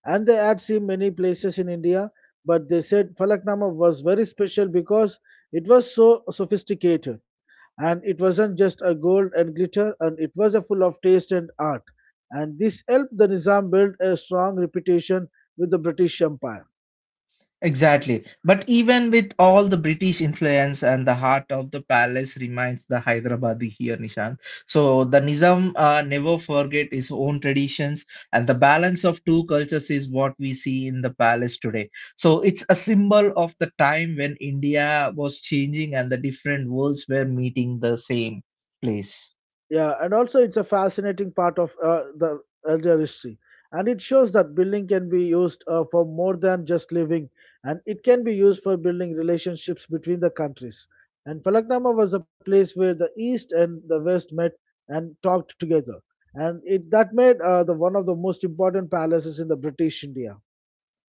[SPEAKER 2] And they had seen many places in India, but they said falaknama was very special because it was so sophisticated. And it wasn't just a gold and glitter, and it was a full of taste and art. And this helped the Nizam build a strong reputation with the British Empire.
[SPEAKER 1] Exactly. But even with all the British influence and the heart of the palace remains the Hyderabadi here, Nishant. So the Nizam never forget his own traditions, and the balance of two cultures is what we see in the palace today. So it's a symbol of the time when India was changing and the different worlds were meeting the same place.
[SPEAKER 2] Yeah, and also it's a fascinating part of the elder history. And it shows that building can be used for more than just living, and it can be used for building relationships between the countries. And Falaknama was a place where the East and the West met and talked together. And it that made the one of the most important palaces in the British India.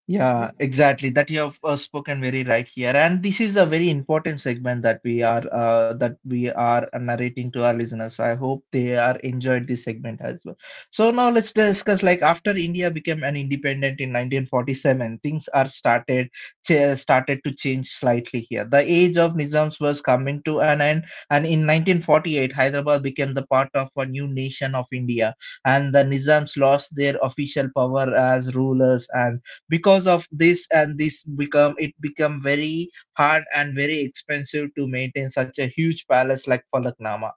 [SPEAKER 1] Yeah, exactly. That you have spoken very right here, and this is a very important segment that we are narrating to our listeners. I hope they are enjoyed this segment as well. So now let's discuss, like, after India became an independent in 1947, things are started to change slightly here. The age of Nizams was coming to an end, and in 1948, Hyderabad became the part of a new nation of India, and the Nizams lost their official power as rulers, and because of this and this become it become very hard and very expensive to maintain such a huge palace like falaknama.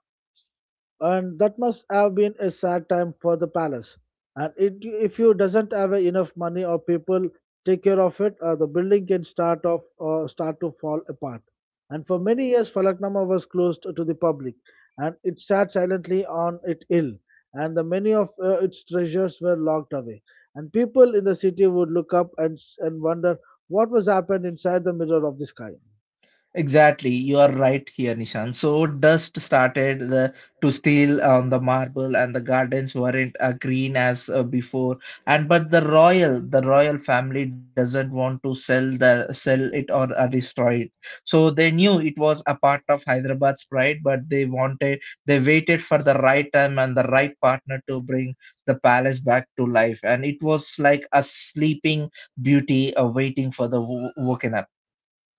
[SPEAKER 2] And that must have been a sad time for the palace. And it, if you doesn't have enough money or people take care of it, the building can start off or start to fall apart. And for many years, Falaknama was closed to the public, and it sat silently on it ill, and the many of its treasures were locked away. And people in the city would look up and and wonder what was happened inside the mirror of the sky.
[SPEAKER 1] Exactly, you are right here, Nishan. So dust started to steal on the marble, and the gardens weren't green as before. And but the royal family doesn't want to sell it or destroy it. So they knew it was a part of Hyderabad's pride, but they waited for the right time and the right partner to bring the palace back to life. And it was like a sleeping beauty waiting for the woken up.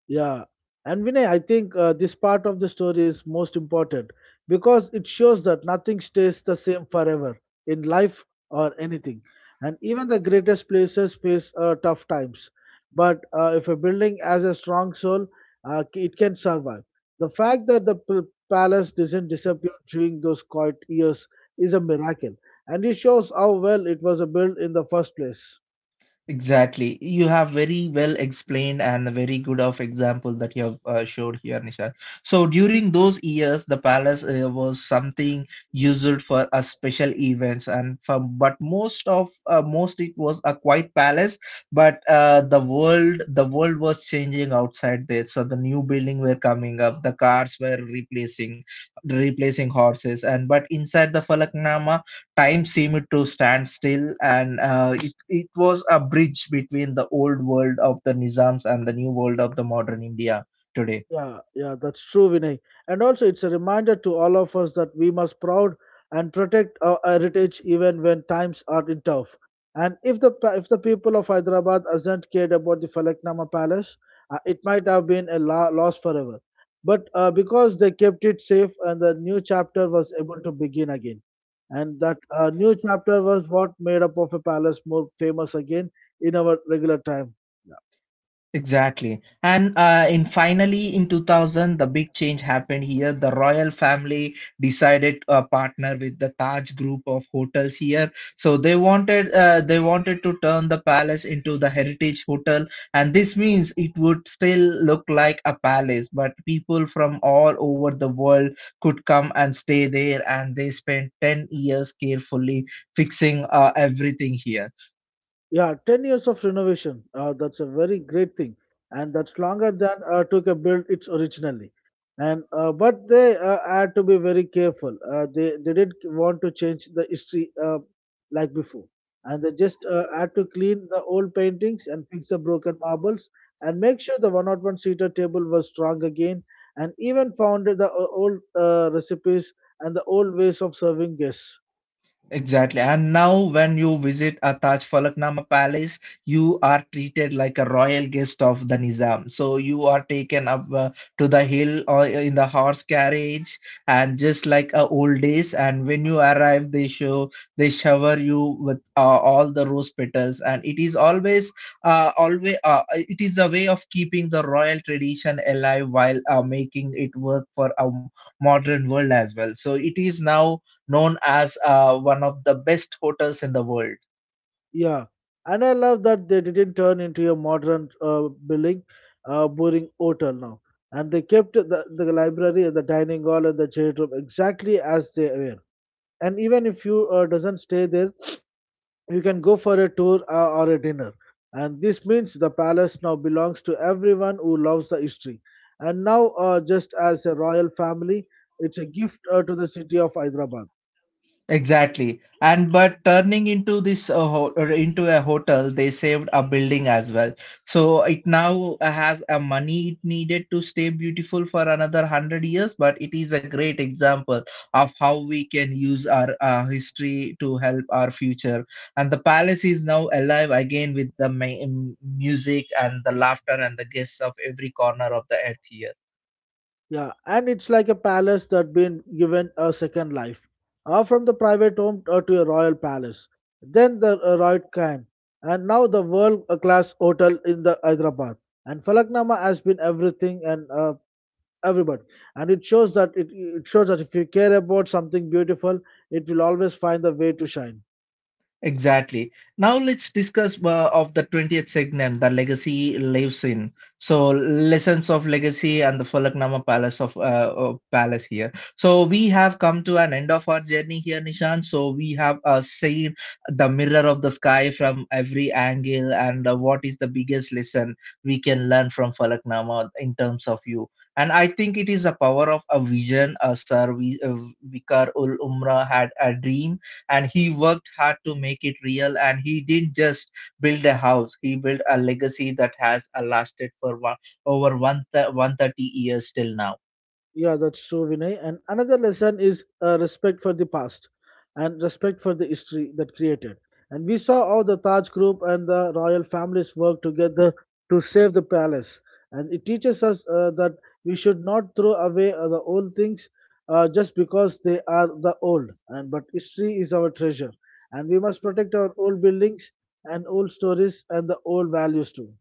[SPEAKER 2] Yeah, and Vinay, I think this part of the story is most important because it shows that nothing stays the same forever in life or anything. And even the greatest places face tough times. But if a building has a strong soul, it can survive. The fact that the palace doesn't disappear during those quiet years is a miracle, and it shows how well it was built in the first place.
[SPEAKER 1] Exactly. You have very well explained, and a very good of example that you have showed here, Nishad. So during those years, the palace was something used for a special events, and from but most it was a quiet palace. But the world was changing outside there. So the new building were coming up, the cars were replacing horses, and but inside the Falaknama time seemed to stand still, and it was a bridge between the old world of the Nizams and the new world of the modern India today.
[SPEAKER 2] Yeah, yeah, that's true, Vinay. And also, it's a reminder to all of us that we must proud and protect our heritage even when times are in tough. And if the if the people of Hyderabad hasn't cared about the Falaknama Palace, it might have been a loss forever. But because they kept it safe, and the new chapter was able to begin again, and that new chapter was what made up of a palace more famous again in our regular time.
[SPEAKER 1] Exactly. And in 2000, the big change happened here. The royal family decided to partner with the Taj group of hotels here. So they wanted to turn the palace into the heritage hotel, and this means it would still look like a palace, but people from all over the world could come and stay there, and they spent 10 years carefully fixing everything here.
[SPEAKER 2] Yeah, 10 years of renovation. That's a very great thing. And that's longer than took a build its originally. And but they had to be very careful. They didn't want to change the history like before. And they just had to clean the old paintings and fix the broken marbles and make sure the 101 seater table was strong again. And even found the old recipes and the old ways of serving guests.
[SPEAKER 1] Exactly. And now, when you visit a Taj Falaknama Palace, you are treated like a royal guest of the Nizam. So you are taken up to the hill or in the horse carriage, and just like old days. And when you arrive, they shower you with all the rose petals, and it is a way of keeping the royal tradition alive while making it work for a modern world as well. So it is now known as one of the best hotels in the world.
[SPEAKER 2] Yeah, and I love that they didn't turn into a modern building, boring hotel now. And they kept the library, the dining hall, and the chat room exactly as they were. And even if you doesn't stay there, you can go for a tour or a dinner. And this means the palace now belongs to everyone who loves the history. And now, just as a royal family, it's a gift to the city of Hyderabad.
[SPEAKER 1] Exactly. And but turning into this or into a hotel, they saved a building as well. So it now has a money it needed to stay beautiful for another hundred years. But it is a great example of how we can use our history to help our future. And the palace is now alive again with the music and the laughter and the guests of every corner of the earth here.
[SPEAKER 2] Yeah, and it's like a palace that been given a second life, from the private home to a royal palace, then the royal khan, and now the world class hotel in the Hyderabad. And Falaknama has been everything and everybody, and it shows that it shows that if you care about something beautiful, it will always find the way to shine.
[SPEAKER 1] Exactly. Now let's discuss of the 20th segment, the legacy lives in. So lessons of legacy and the Falaknama Palace of Palace here. So we have come to an end of our journey here, Nishan. So we have seen the mirror of the sky from every angle, and what is the biggest lesson we can learn from Falaknama in terms of you. And I think it is the power of a vision. Sir Vikar ul Umra had a dream, and he worked hard to make it real, and he didn't just build a house, he built a legacy that has lasted for over 130 years till now.
[SPEAKER 2] Yeah, that's true, Vinay. And another lesson is respect for the past and respect for the history that created. And we saw how the Taj group and the royal families worked together to save the palace. And it teaches us that we should not throw away the old things just because they are the old. And but history is our treasure, and we must protect our old buildings and old stories and the old values too.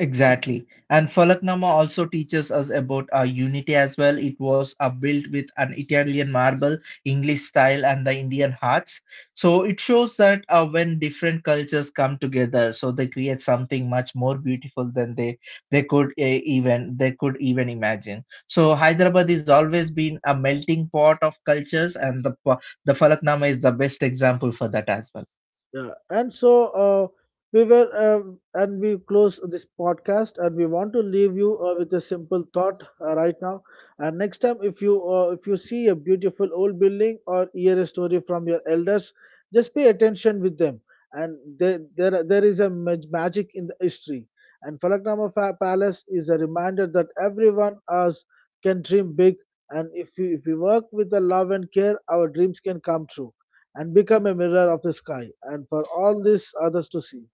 [SPEAKER 1] Exactly. And Falaknama also teaches us about our unity as well. It was built with an Italian marble, English style, and the Indian hearts. So it shows that when different cultures come together, so they create something much more beautiful than they could uh, they could even imagine. So Hyderabad has always been a melting pot of cultures, and the Falaknama is the best example for that as well.
[SPEAKER 2] Yeah, and so uh, and we close this podcast, and we want to leave you with a simple thought right now. And next time, if you see a beautiful old building or hear a story from your elders, just pay attention with them. And there is a magic in the history. And Falaknama Palace is a reminder that everyone else can dream big, and if you if we work with the love and care, our dreams can come true and become a mirror of the sky and for all these others to see.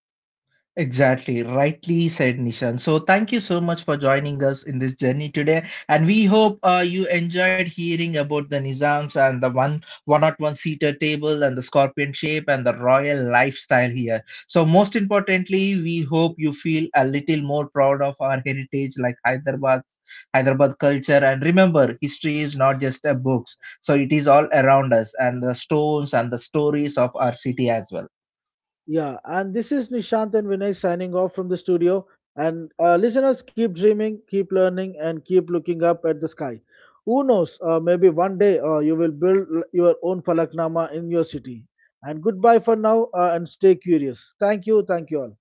[SPEAKER 1] Exactly, rightly said, Nishan. So thank you so much for joining us in this journey today, and we hope you enjoyed hearing about the Nizams and the one 101 seater table and the scorpion shape and the royal lifestyle here. So most importantly, we hope you feel a little more proud of our heritage, like Hyderabad culture. And remember, history is not just a books, so it is all around us, and the stones and the stories of our city as well.
[SPEAKER 2] Yeah, and this is Nishant and Vinay signing off from the studio. And listeners, keep dreaming, keep learning, and keep looking up at the sky. Who knows? Maybe one day you will build your own falaknama in your city. And goodbye for now and stay curious. Thank you. Thank you all.